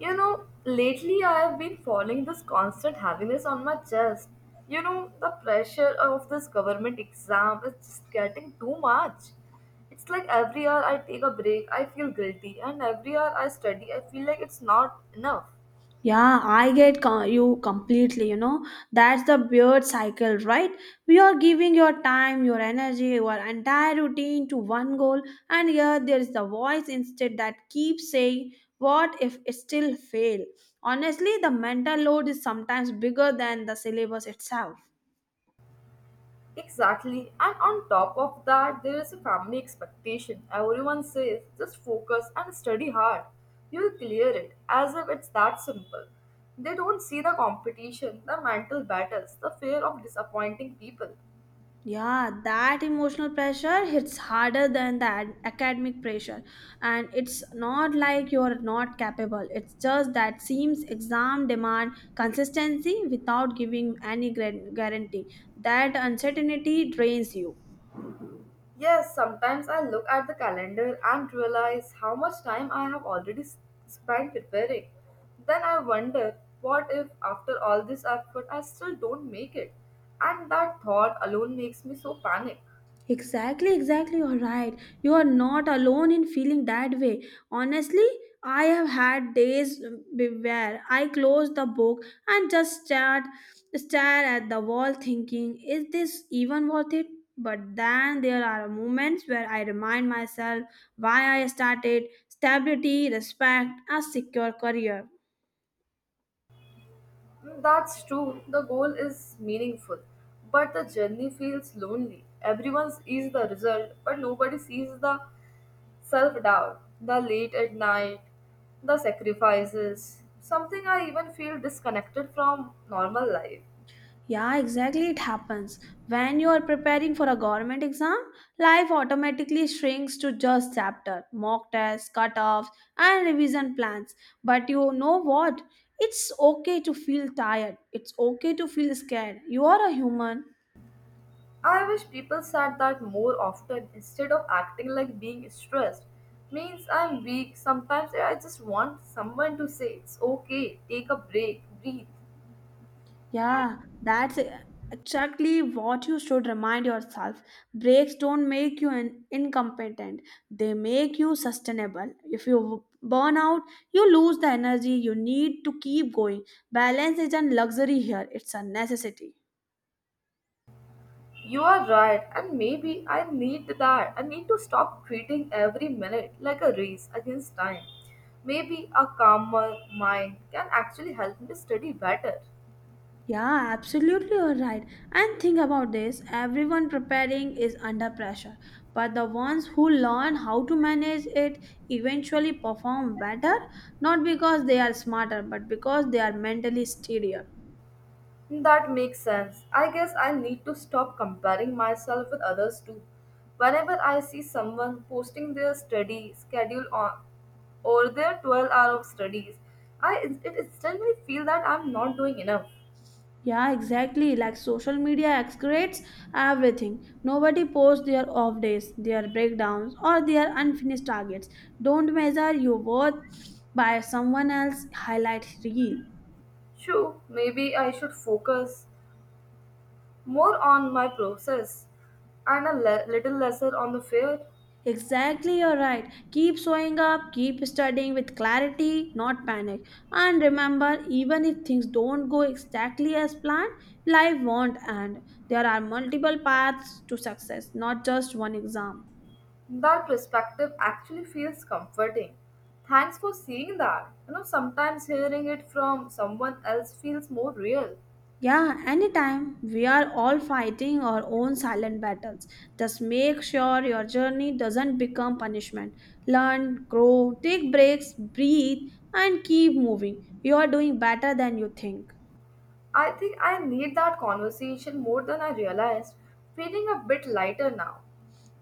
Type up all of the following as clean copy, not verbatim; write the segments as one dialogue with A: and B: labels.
A: You know, lately I have been following this constant heaviness on my chest. You know, the pressure of this government exam is just getting too much. It's like every hour I take a break, I feel guilty, and every hour I study, I feel like it's not enough.
B: Yeah, I you completely. That's the beard cycle, right? We are giving your time, your energy, your entire routine to one goal, and here there is the voice instead that keeps saying, what if it still fail? Honestly, the mental load is sometimes bigger than the syllabus itself.
A: Exactly. And on top of that, there is a family expectation. Everyone says, just focus and study hard. You'll clear it, as if it's that simple. They don't see the competition, the mental battles, the fear of disappointing people.
B: Yeah, that emotional pressure hits harder than the academic pressure. And it's not like you're not capable. It's just that seems exam demand consistency without giving any guarantee. That uncertainty drains you.
A: Yes, sometimes I look at the calendar and realize how much time I have already spent preparing. Then I wonder, what if after all this effort I still don't make it? And that thought alone makes me so panic.
B: Exactly, exactly. You're right. You are not alone in feeling that way. Honestly, I have had days where I close the book and just stare, stare at the wall thinking, is this even worth it? But then there are moments where I remind myself why I started stability, respect, a secure career.
A: That's true. The goal is meaningful, but the journey feels lonely. Everyone sees the result, but nobody sees the self doubt, the late at night, the sacrifices. Something I even feel disconnected from normal life.
B: Yeah, exactly. It happens. When you are preparing for a government exam, life automatically shrinks to just chapter, mock tests, cutoffs, and revision plans. But you know what? It's okay to feel tired. It's okay to feel scared. You are a human.
A: I wish people said that more often instead of acting like being stressed. Means I'm weak. Sometimes I just want someone to say it's okay, take a break, breathe.
B: Yeah, that's exactly what you should remind yourself. Breaks don't make you incompetent, they make you sustainable. If you burn out, you lose the energy you need to keep going. Balance isn't luxury here, it's a necessity.
A: You are right, and maybe I need that. I need to stop treating every minute like a race against time. Maybe a calmer mind can actually help me study better.
B: Yeah, absolutely, you're right. And think about this everyone preparing is under pressure, but the ones who learn how to manage it eventually perform better, not because they are smarter, but because they are mentally steadier.
A: That makes sense. I guess I need to stop comparing myself with others too. Whenever I see someone posting their study schedule on or their 12 hour of studies, I it instantly feel that I'm not doing enough.
B: Yeah, exactly. Like social media excretes everything. Nobody posts their off days, their breakdowns, or their unfinished targets. Don't measure your worth by someone else's highlight reel.
A: True, maybe I should focus more on my process and a little lesser on the fear,
B: Exactly, you're right. Keep showing up, keep studying with clarity, not panic. And remember, even if things don't go exactly as planned, life won't end. There are multiple paths to success, not just one exam.
A: that perspective actually feels comforting. Thanks for seeing that. You know, sometimes hearing it from someone else feels more real.
B: Yeah, anytime. We are all fighting our own silent battles. Just make sure your journey doesn't become punishment. Learn, grow, take breaks, breathe, and keep moving. You are doing better than you think.
A: I think I need that conversation more than I realized, feeling a bit lighter now.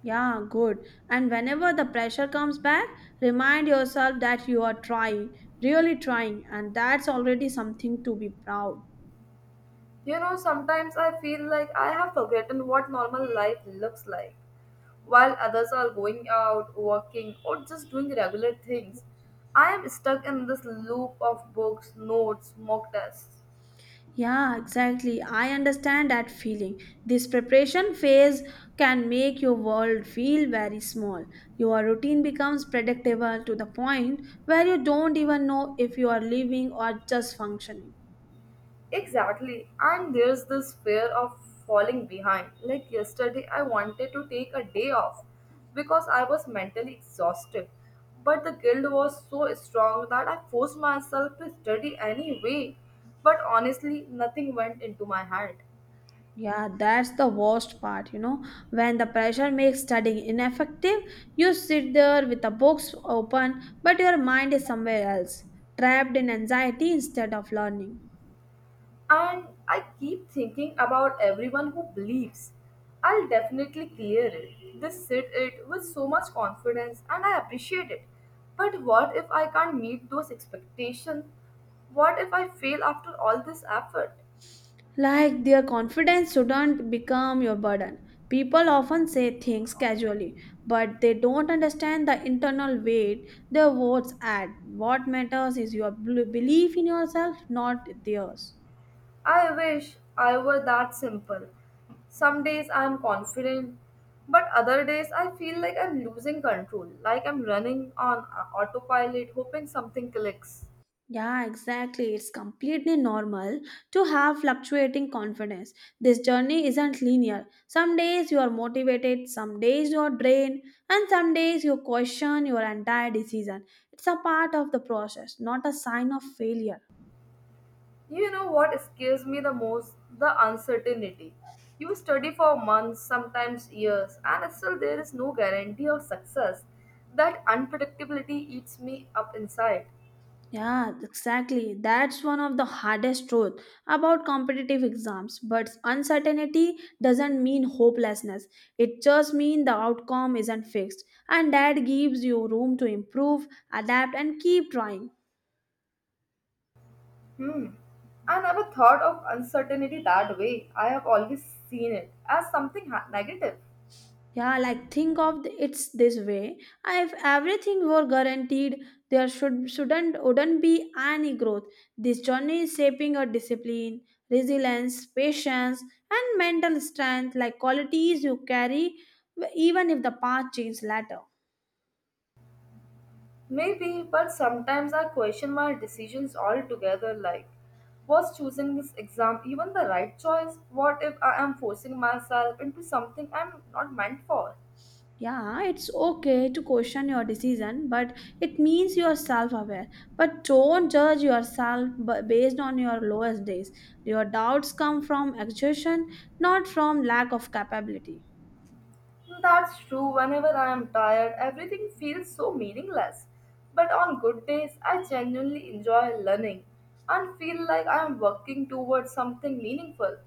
B: Yeah, good. And whenever the pressure comes back, remind yourself that you are trying, really trying, and that's already something to be proud.
A: You know, sometimes I feel like I have forgotten what normal life looks like. While others are going out, working, or just doing regular things, I am stuck in this loop of books, notes, mock tests.
B: Yeah, exactly. I understand that feeling. This preparation phase can make your world feel very small. Your routine becomes predictable to the point where you don't even know if you are living or just functioning.
A: Exactly. And there's this fear of falling behind. Like yesterday, I wanted to take a day off because I was mentally exhausted. But the guilt was so strong that I forced myself to study anyway. But honestly, nothing went into my head.
B: Yeah, that's the worst part, you know. When the pressure makes studying ineffective, you sit there with the books open, but your mind is somewhere else, trapped in anxiety instead of learning.
A: And I keep thinking about everyone who believes I'll definitely clear it. They said it with so much confidence and I appreciate it. But what if I can't meet those expectations? What if I fail after all this effort?
B: Like their confidence shouldn't become your burden. People often say things casually, but they don't understand the internal weight their words add. What matters is your belief in yourself, not theirs.
A: I wish I were that simple. Some days I am confident, but other days I feel like I'm losing control, like I'm running on autopilot hoping something clicks.
B: Yeah, exactly. It's completely normal to have fluctuating confidence. This journey isn't linear. Some days you are motivated, some days you are drained, and some days you question your entire decision. It's a part of the process, not a sign of failure.
A: You know what scares me the most? The uncertainty. You study for months, sometimes years, and still there is no guarantee of success. That unpredictability eats me up inside.
B: Yeah, exactly. That's one of the hardest truth about competitive exams. But uncertainty doesn't mean hopelessness. It just means the outcome isn't fixed. And that gives you room to improve, adapt, and keep trying.
A: Hmm. I never thought of uncertainty that way. I have always seen it as something negative.
B: Yeah, like it's this way. If everything were guaranteed, there should shouldn't wouldn't be any growth. This journey is shaping a discipline, resilience, patience, and mental strength, like qualities you carry even if the path changes later.
A: Maybe, but sometimes I question my decisions altogether like, was choosing this exam even the right choice? What if I am forcing myself into something I'm not meant for?
B: Yeah, it's okay to question your decision, but it means you're self aware. But don't judge yourself based on your lowest days. Your doubts come from exhaustion, not from lack of capability.
A: That's true. Whenever I am tired, everything feels so meaningless. But on good days, I genuinely enjoy learning and feel like I am working towards something meaningful.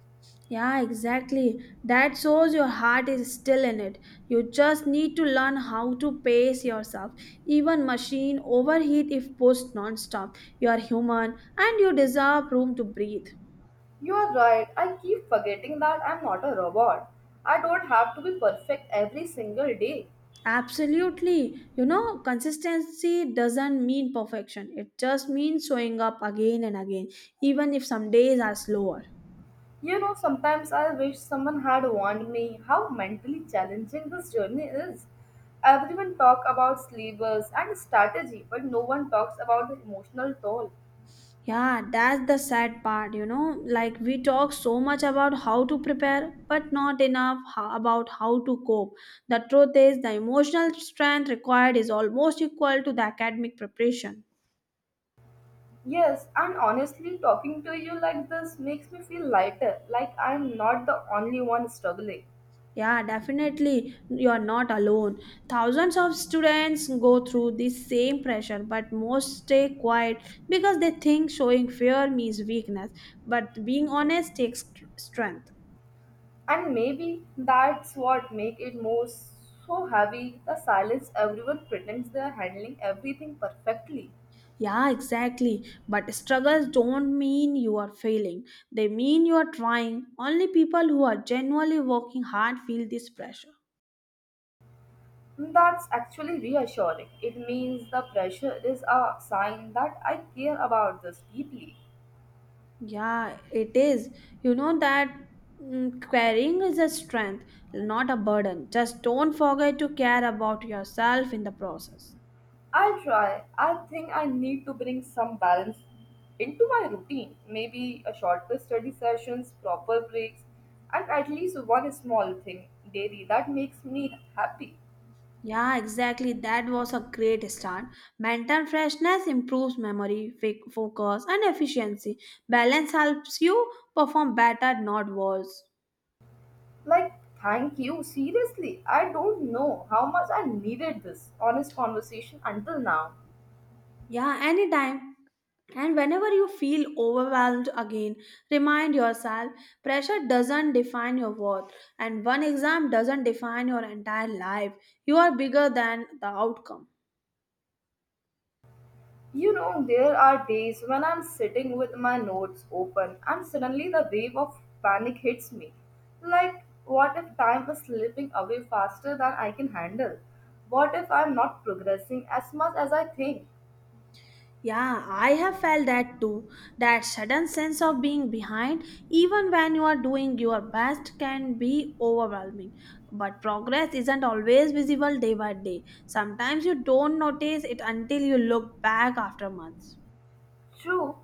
B: Yeah, exactly. That shows your heart is still in it. You just need to learn how to pace yourself. Even machine overheat if pushed non-stop. You are human and you deserve room to breathe.
A: You are right. I keep forgetting that I'm not a robot. I don't have to be perfect every single day.
B: Absolutely. You know, consistency doesn't mean perfection. It just means showing up again and again, even if some days are slower.
A: You know, sometimes I wish someone had warned me how mentally challenging this journey is. Everyone talk about sleepers and strategy, but no one talks about the emotional toll.
B: Yeah, that's the sad part, you know. Like, we talk so much about how to prepare, but not enough about how to cope. The truth is, the emotional strength required is almost equal to the academic preparation.
A: Yes, and honestly, talking to you like this makes me feel lighter, like I'm not the only one struggling.
B: Yeah, definitely. You're not alone. Thousands of students go through the same pressure, but most stay quiet because they think showing fear means weakness. But being honest takes strength.
A: And maybe that's what make it more so heavy, the silence everyone pretends they are handling everything perfectly.
B: Yeah, exactly. But struggles don't mean you are failing, they mean you are trying. Only people who are genuinely working hard feel this pressure.
A: That's actually reassuring. It means the pressure is a sign that I care about this deeply.
B: Yeah, it is. You know that caring is a strength, not a burden. Just don't forget to care about yourself in the process.
A: I'll try. I think I need to bring some balance into my routine. Maybe a shorter study sessions, proper breaks, and at least one small thing daily that makes me happy.
B: Yeah, exactly. That was a great start. Mental freshness improves memory, focus, and efficiency. Balance helps you perform better, not worse.
A: Like, thank you. Seriously, I don't know how much I needed this honest conversation until now.
B: Yeah, anytime. And whenever you feel overwhelmed again, remind yourself pressure doesn't define your worth, and one exam doesn't define your entire life. You are bigger than the outcome.
A: You know, there are days when I'm sitting with my notes open and suddenly the wave of panic hits me. Like, what if time is slipping away faster than I can handle? What if I'm not progressing as much as I think?
B: Yeah, I have felt that too. That sudden sense of being behind, even when you are doing your best, can be overwhelming. But progress isn't always visible day by day. Sometimes you don't notice it until you look back after months.
A: True,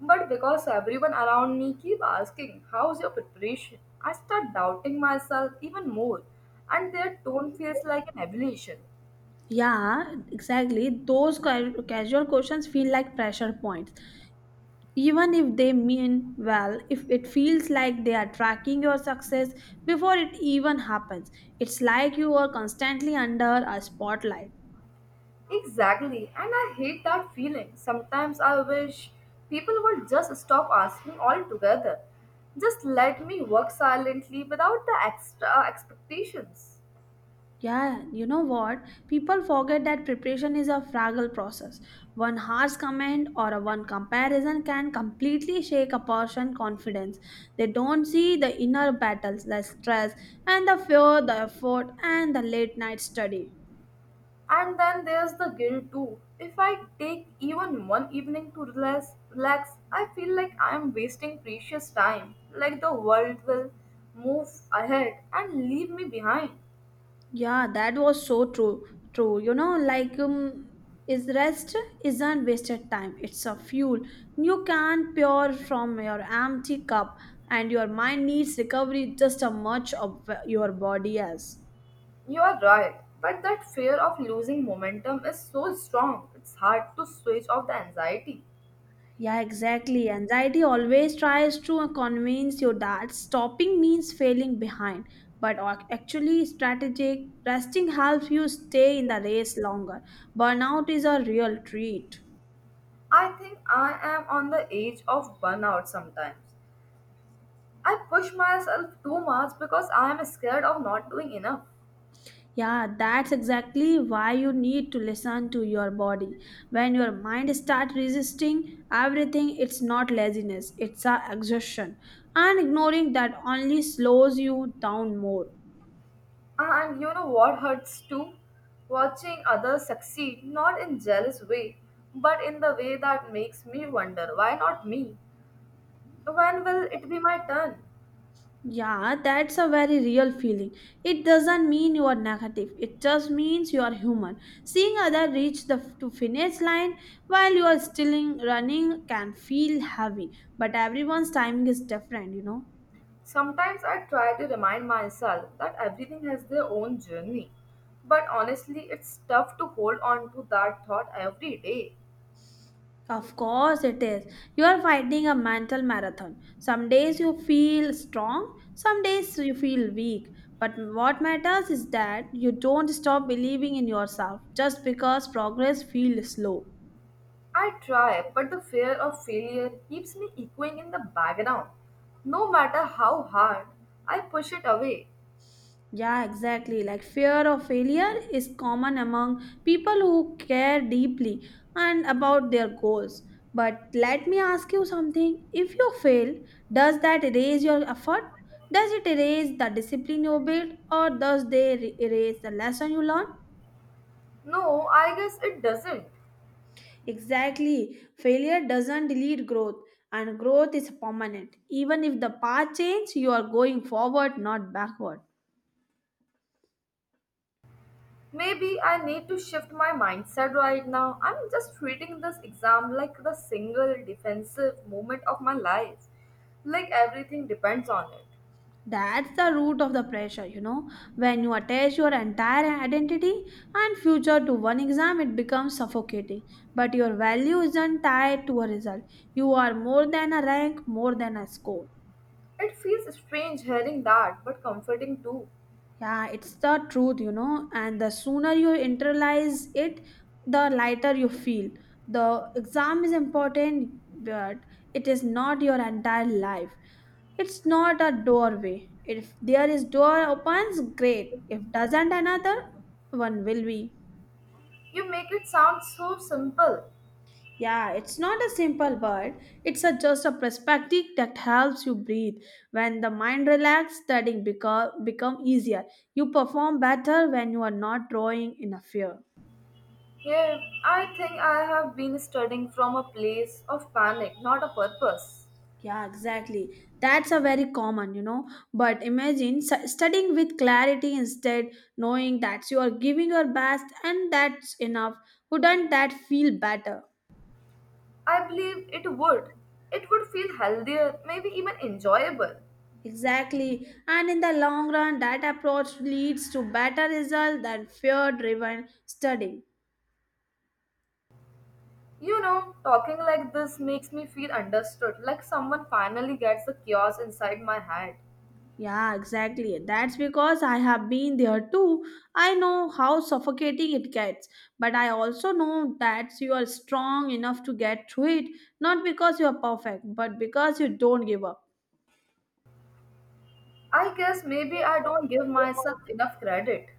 A: but because everyone around me keep asking, how's your preparation? I start doubting myself even more and their tone feels like an evaluation.
B: Yeah, exactly. Those casual questions feel like pressure points. Even if they mean well, if it feels like they are tracking your success before it even happens, it's like you are constantly under a spotlight.
A: Exactly, and I hate that feeling. Sometimes I wish people would just stop asking altogether. Just let me work silently without the extra expectations.
B: Yeah, you know what? People forget that preparation is a fragile process. One harsh comment or a one comparison can completely shake a person's confidence. They don't see the inner battles, the stress, and the fear, the effort, and the late night study.
A: And then there's the guilt too. If I take even one evening to relax, I feel like I'm wasting precious time, like the world will move ahead and leave me behind.
B: Yeah, that was so true. True, you know, is rest isn't wasted time. It's a fuel you can pour from your empty cup, and your mind needs recovery just as much of your body as.
A: You are right, but that fear of losing momentum is so strong, it's hard to switch off the anxiety.
B: Yeah, exactly. Anxiety always tries to convince you that stopping means failing behind, but actually, strategic resting helps you stay in the race longer. Burnout is a real treat.
A: I think I am on the edge of burnout sometimes. I push myself too much because I am scared of not doing enough.
B: Yeah, that's exactly why you need to listen to your body. When your mind starts resisting everything, it's not laziness, it's a exhaustion. And ignoring that only slows you down more.
A: And you know what hurts too? Watching others succeed, not in jealous way, but in the way that makes me wonder why not me? When will it be my turn?
B: Yeah, that's a very real feeling. It doesn't mean you are negative. It just means you are human. Seeing other reach the to finish line while you are still running can feel heavy, but everyone's timing is different, you know.
A: Sometimes I try to remind myself that everything has their own journey, but honestly, it's tough to hold on to that thought every day.
B: Of course, it is. You are fighting a mental marathon. Some days you feel strong, some days you feel weak. But what matters is that you don't stop believing in yourself just because progress feels slow.
A: I try, but the fear of failure keeps me echoing in the background. No matter how hard I push it away,
B: Yeah, exactly. Like fear of failure is common among people who care deeply and about their goals. But let me ask you something. If you fail, does that erase your effort? Does it erase the discipline you built or does they erase the lesson you learned?
A: no, I guess it doesn't.
B: Exactly. Failure doesn't delete growth and growth is permanent. Even if the path changes, you are going forward, not backward.
A: Maybe I need to shift my mindset right now. I'm just treating this exam like the single defensive moment of my life, like everything depends on it.
B: That's the root of the pressure, you know. When you attach your entire identity and future to one exam, it becomes suffocating. But your value isn't tied to a result. You are more than a rank, more than a score.
A: It feels strange hearing that, but comforting too.
B: Yeah, it's the truth, you know, and the sooner you internalize it, the lighter you feel. The exam is important, but it is not your entire life. It's not a doorway. If there is door opens, great. If doesn't, another one will be.
A: You make it sound so simple.
B: Yeah, it's not a simple word. It's a, just a perspective that helps you breathe. When the mind relax, studying become easier. You perform better when you are not drawing in a fear.
A: Yeah, I think I have been studying from a place of panic, not a purpose.
B: Yeah, exactly. That's a very common, you know. But imagine studying with clarity instead, knowing that you are giving your best and that's enough. Wouldn't that feel better?
A: I believe it would. It would feel healthier, maybe even enjoyable.
B: Exactly. And in the long run, that approach leads to better result than fear driven studying.
A: You know, talking like this makes me feel understood, like someone finally gets the chaos inside my head.
B: Yeah, exactly. That's because I have been there too. I know how suffocating it gets, but I also know that you are strong enough to get through it, not because you are perfect, but because you don't give up.
A: I guess maybe I don't give myself enough credit.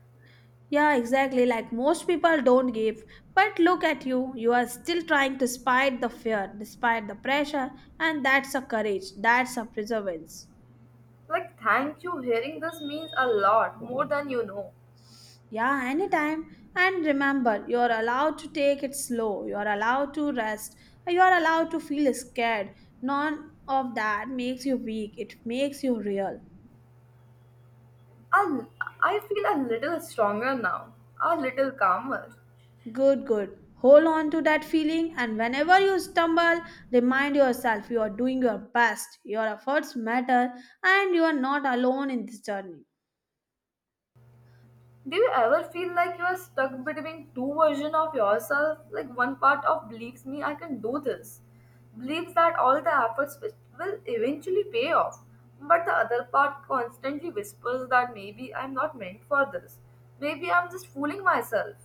B: Yeah, exactly. Like most people don't give. But look at you. You are still trying despite the fear, despite the pressure, and that's a courage. That's a perseverance.
A: Like, thank you, hearing this means a lot more than you know.
B: Yeah, anytime. And remember, you're allowed to take it slow. You're allowed to rest. You're allowed to feel scared. None of that makes you weak. It makes you real.
A: I, I feel a little stronger now, a little calmer.
B: Good, good. Hold on to that feeling, and whenever you stumble, remind yourself you are doing your best. Your efforts matter, and you are not alone in this journey.
A: Do you ever feel like you are stuck between two versions of yourself? Like one part of believes me I can do this, believes that all the efforts which will eventually pay off, but the other part constantly whispers that maybe I'm not meant for this, maybe I'm just fooling myself.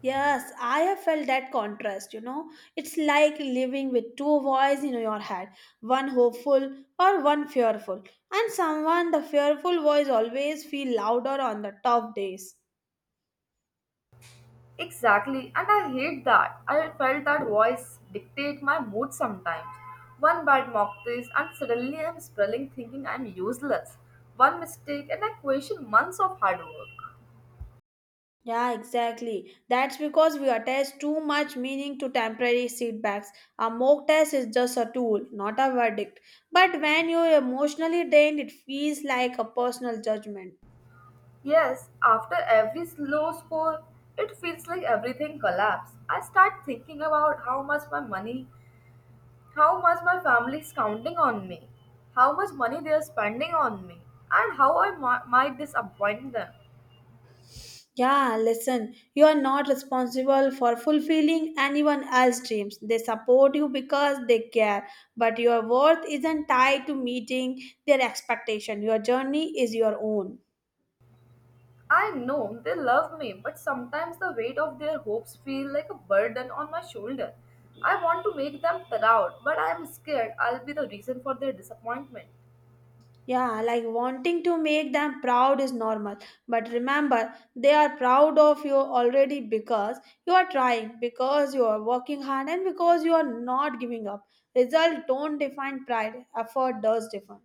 B: Yes, I have felt that contrast, you know. It's like living with two voices in your head, one hopeful or one fearful. And someone, the fearful voice always feel louder on the tough days.
A: Exactly, and I hate that. I felt that voice dictate my mood sometimes. One bad mocktail, and suddenly I'm spelling thinking I'm useless. One mistake, and I question months of hard work.
B: Yeah, exactly. That's because we attach too much meaning to temporary setbacks. A mock test is just a tool, not a verdict. But when you're emotionally drained, it feels like a personal judgment.
A: Yes, after every low score, it feels like everything collapsed. I start thinking about how much my money, how much my family is counting on me, how much money they are spending on me, and how I might disappoint them.
B: Yeah, listen, you are not responsible for fulfilling anyone else's dreams. They support you because they care, but your worth isn't tied to meeting their expectation. Your journey is your own.
A: I know they love me, but sometimes the weight of their hopes feel like a burden on my shoulder. I want to make them proud, but I am scared I'll be the reason for their disappointment.
B: Yeah, like wanting to make them proud is normal, but remember, they are proud of you already because you are trying, because you are working hard, and because you are not giving up. Result don't define pride, effort does define.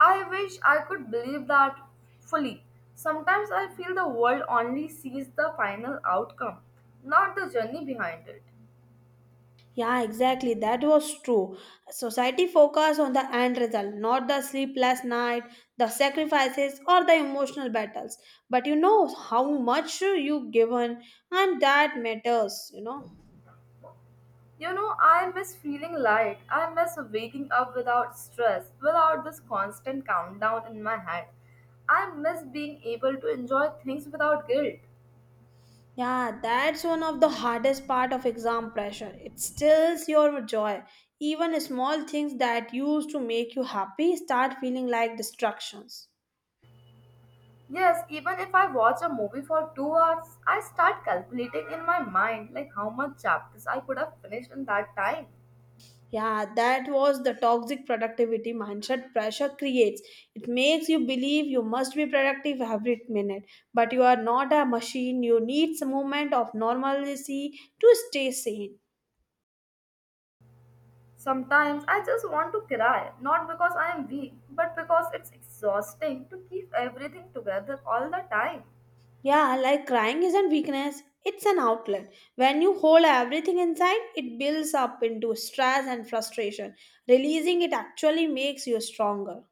A: I wish I could believe that fully. Sometimes I feel the world only sees the final outcome, not the journey behind it.
B: Yeah, exactly. That was true. Society focused on the end result, not the sleepless night, the sacrifices, or the emotional battles. But you know how much you given, and that matters. You know.
A: You know, I miss feeling light. I miss waking up without stress, without this constant countdown in my head. I miss being able to enjoy things without guilt.
B: Yeah, that's one of the hardest part of exam pressure. It steals your joy. Even small things that used to make you happy start feeling like distractions.
A: Yes, even if I watch a movie for 2 hours, I start calculating in my mind like how much chapters I could have finished in that time.
B: Yeah, that was the toxic productivity mindset pressure creates. It makes you believe you must be productive every minute, but you are not a machine. You need some moment of normalcy to stay sane.
A: Sometimes I just want to cry, not because I am weak, but because it's exhausting to keep everything together all the time.
B: Yeah, like crying isn't weakness, it's an outlet. When you hold everything inside, it builds up into stress and frustration. Releasing it actually makes you stronger.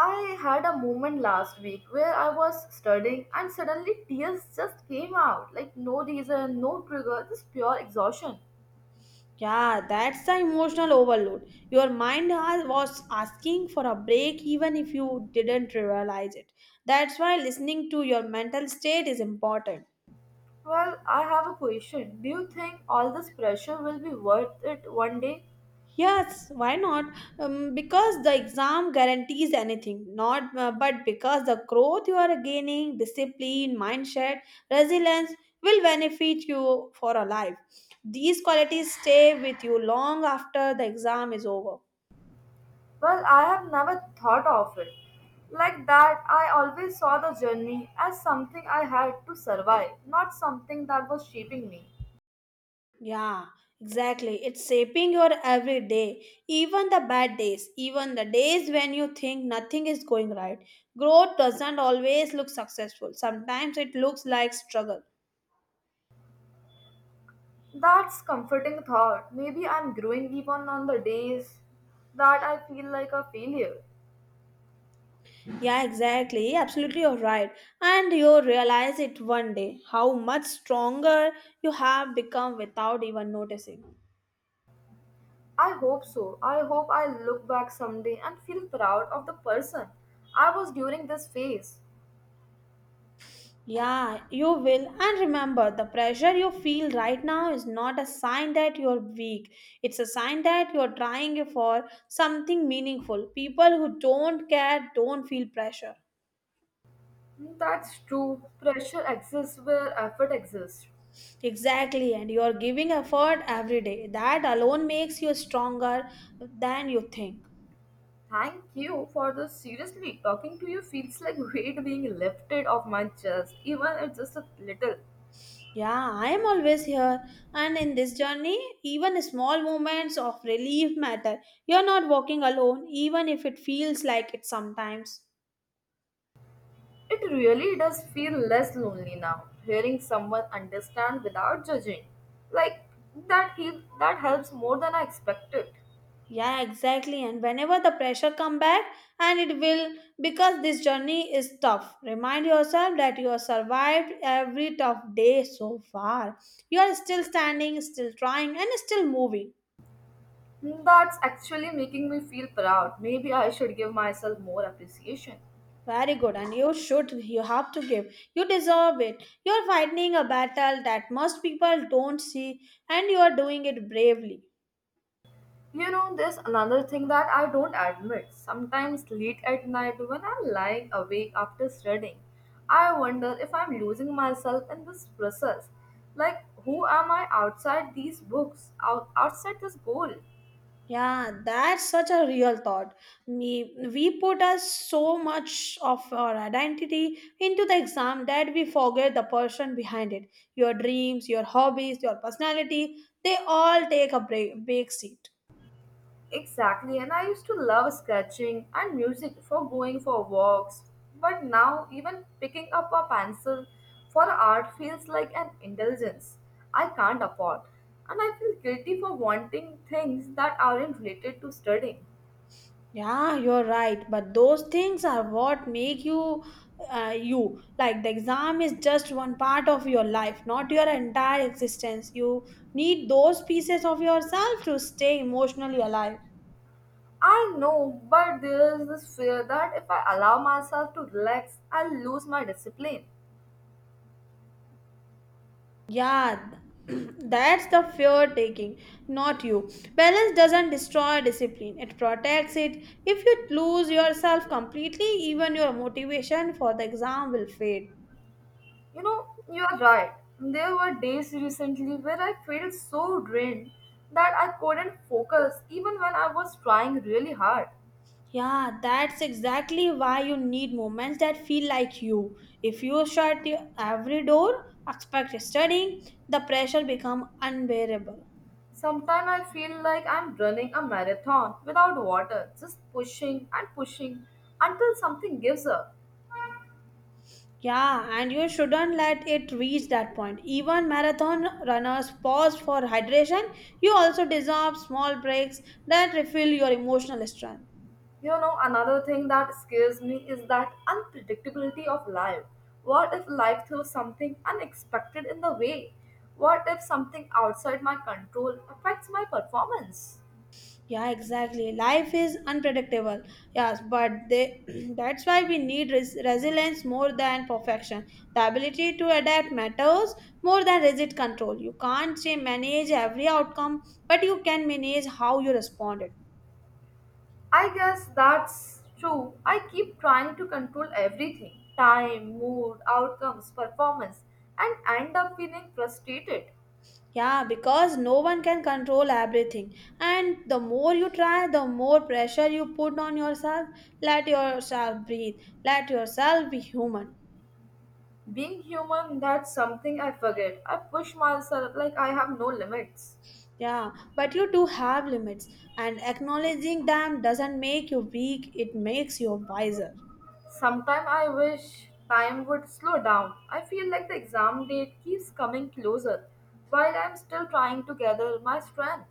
A: I had a moment last week where I was studying and suddenly tears just came out like no reason, no trigger, just pure exhaustion.
B: Yeah, that's the emotional overload. Your mind was asking for a break even if you didn't realize it. That's why listening to your mental state is important.
A: Well, I have a question. Do you think all this pressure will be worth it one day?
B: Yes, why not? Because the exam guarantees anything, not but because the growth you are gaining, discipline, mindset, resilience will benefit you for a life. These qualities stay with you long after the exam is over.
A: Well, I have never thought of it like that. I always saw the journey as something I had to survive, not something that was shaping me.
B: Yeah, exactly. It's shaping your every day, even the bad days, even the days when you think nothing is going right. Growth doesn't always look successful, sometimes it looks like struggle.
A: That's comforting thought. Maybe I'm growing even on the days that I feel like a failure.
B: Yeah, exactly. Absolutely, you're right. And you realize it one day how much stronger you have become without even noticing.
A: I hope so. I hope I look back someday and feel proud of the person I was during this phase.
B: Yeah, you will. And remember, the pressure you feel right now is not a sign that you're weak. It's a sign that you're trying for something meaningful. People who don't care don't feel pressure.
A: That's true. Pressure exists where effort exists.
B: Exactly, and you're giving effort every day. That alone makes you stronger than you think.
A: Thank you for this. Seriously, talking to you feels like weight being lifted off my chest, even if just a little.
B: Yeah, I am always here, and in this journey, even small moments of relief matter. You're not walking alone, even if it feels like it sometimes.
A: It really does feel less lonely now, hearing someone understand without judging. Like that he that helps more than I expected.
B: Yeah, exactly. And whenever the pressure come back, and it will because this journey is tough. Remind yourself that you have survived every tough day so far. You are still standing, still trying, and still moving.
A: That's actually making me feel proud. Maybe I should give myself more appreciation.
B: Very good. And you should, you have to give. You deserve it. You are fighting a battle that most people don't see, and you are doing it bravely.
A: You know, there's another thing that I don't admit. Sometimes late at night when I'm lying awake after studying, I wonder if I'm losing myself in this process. Like, who am I outside these books, outside this goal?
B: Yeah, that's such a real thought. We put us so much of our identity into the exam that we forget the person behind it. Your dreams, your hobbies, your personality, they all take a break, big seat.
A: Exactly, and I used to love sketching and music for going for walks, but now even picking up a pencil for art feels like an indulgence I can't afford, and I feel guilty for wanting things that aren't related to studying.
B: Yeah, you're right. But those things are what make you you. Like the exam is just one part of your life, not your entire existence. You need those pieces of yourself to stay emotionally alive.
A: I know, but there is this fear that if I allow myself to relax, I'll lose my discipline.
B: Yeah, that's the fear taking, not you. Balance doesn't destroy discipline, it protects it. If you lose yourself completely, even your motivation for the exam will fade.
A: You know, you are right. There were days recently where I felt so drained that I couldn't focus even when I was trying really hard.
B: Yeah, that's exactly why you need moments that feel like you. If you every door, expect studying, the pressure become unbearable.
A: Sometimes I feel like I'm running a marathon without water, just pushing and pushing until something gives up.
B: Yeah, and you shouldn't let it reach that point. Even marathon runners pause for hydration. You also deserve small breaks that refill your emotional strength.
A: You know, another thing that scares me is that unpredictability of life. What if life throws something unexpected in the way? What if something outside my control affects my performance?
B: Yeah, exactly. Life is unpredictable. Yes, but they, that's why we need resilience more than perfection. The ability to adapt matters more than rigid control. You can't say manage every outcome, but you can manage how you respond.
A: I guess that's true. I keep trying to control everything time, mood, outcomes, performance and end up feeling frustrated.
B: Yeah, because no one can control everything. And the more you try, the more pressure you put on yourself. Let yourself breathe. Let yourself be human.
A: Being human, that's something I forget. I push myself like I have no limits.
B: Yeah, but you do have limits, and acknowledging them doesn't make you weak, it makes you wiser.
A: Sometimes I wish time would slow down. I feel like the exam date keeps coming closer while I'm still trying to gather my strength.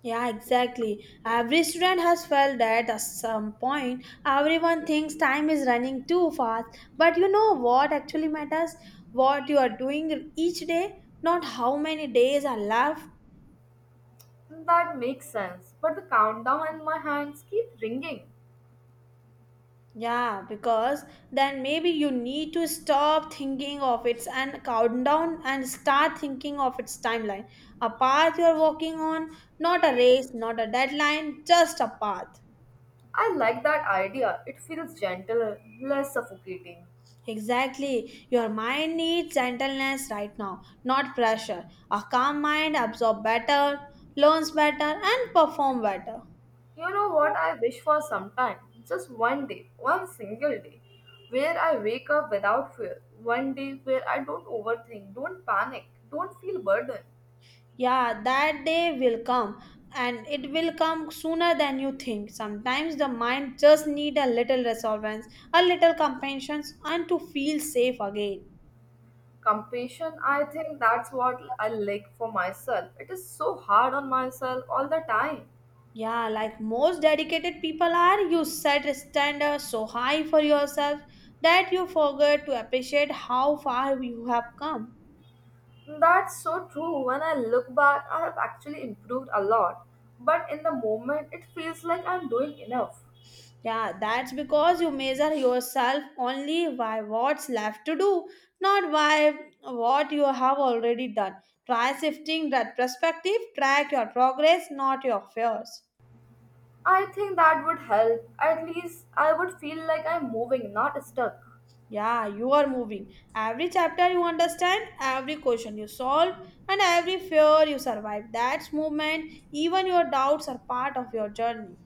B: Yeah, exactly. Every student has felt that at some point. Everyone thinks time is running too fast. But you know what actually matters? What you are doing each day, not how many days are left.
A: That makes sense, but the countdown in my hands keep ringing.
B: Yeah, because then maybe you need to stop thinking of its and countdown and start thinking of its timeline. A path you are walking on, not a race, not a deadline, just a path.
A: I like that idea. It feels gentle, less suffocating.
B: Exactly. Your mind needs gentleness right now, not pressure. A calm mind absorbs better, learns better, and perform better.
A: You know what I wish for sometime? Just one day, one single day, where I wake up without fear. One day where I don't overthink, don't panic, don't feel burdened.
B: Yeah, that day will come and it will come sooner than you think. Sometimes the mind just need a little resolvence, a little compassion, and to feel safe again.
A: Compassion, I think that's what I lack for myself. It is so hard on myself all the time.
B: Yeah, like most dedicated people are, you set standards so high for yourself that you forget to appreciate how far you have come.
A: That's so true. When I look back, I have actually improved a lot. But in the moment, it feels like I'm doing enough.
B: Yeah, that's because you measure yourself only by what's left to do, not by what you have already done. Try shifting that perspective, track your progress, not your fears.
A: I think that would help. At least I would feel like I'm moving, not stuck.
B: Yeah, you are moving. Every chapter you understand, every question you solve, and every fear you survive. That's movement. Even your doubts are part of your journey.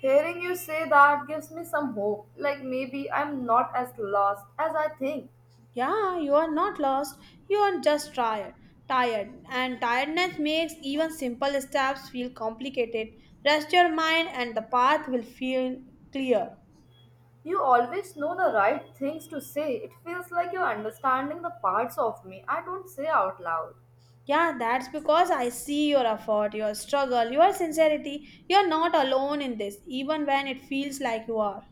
A: Hearing you say that gives me some hope, like maybe I'm not as lost as I think.
B: Yeah, you are not lost. You are just tired. Tired. And tiredness makes even simple steps feel complicated. Rest your mind and the path will feel clear.
A: You always know the right things to say. It feels like you're understanding the parts of me I don't say out loud.
B: Yeah, that's because I see your effort, your struggle, your sincerity. You're not alone in this, even when it feels like you are.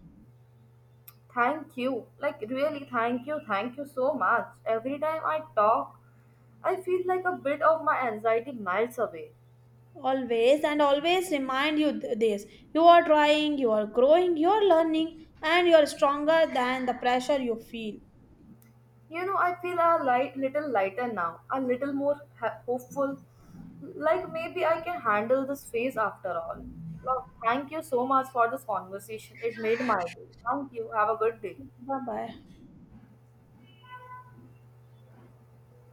A: Thank you. Like, really, thank you. Thank you so much. Every time I talk, I feel like a bit of my anxiety melts away.
B: Always and always remind you this. You are trying, you are growing, you are learning, and you are stronger than the pressure you feel.
A: You know, I feel a light, little lighter now, a little more hopeful. Like maybe I can handle this phase after all. Well, thank you so much for this conversation. It made my day. Thank you. Have a good day.
B: Bye bye.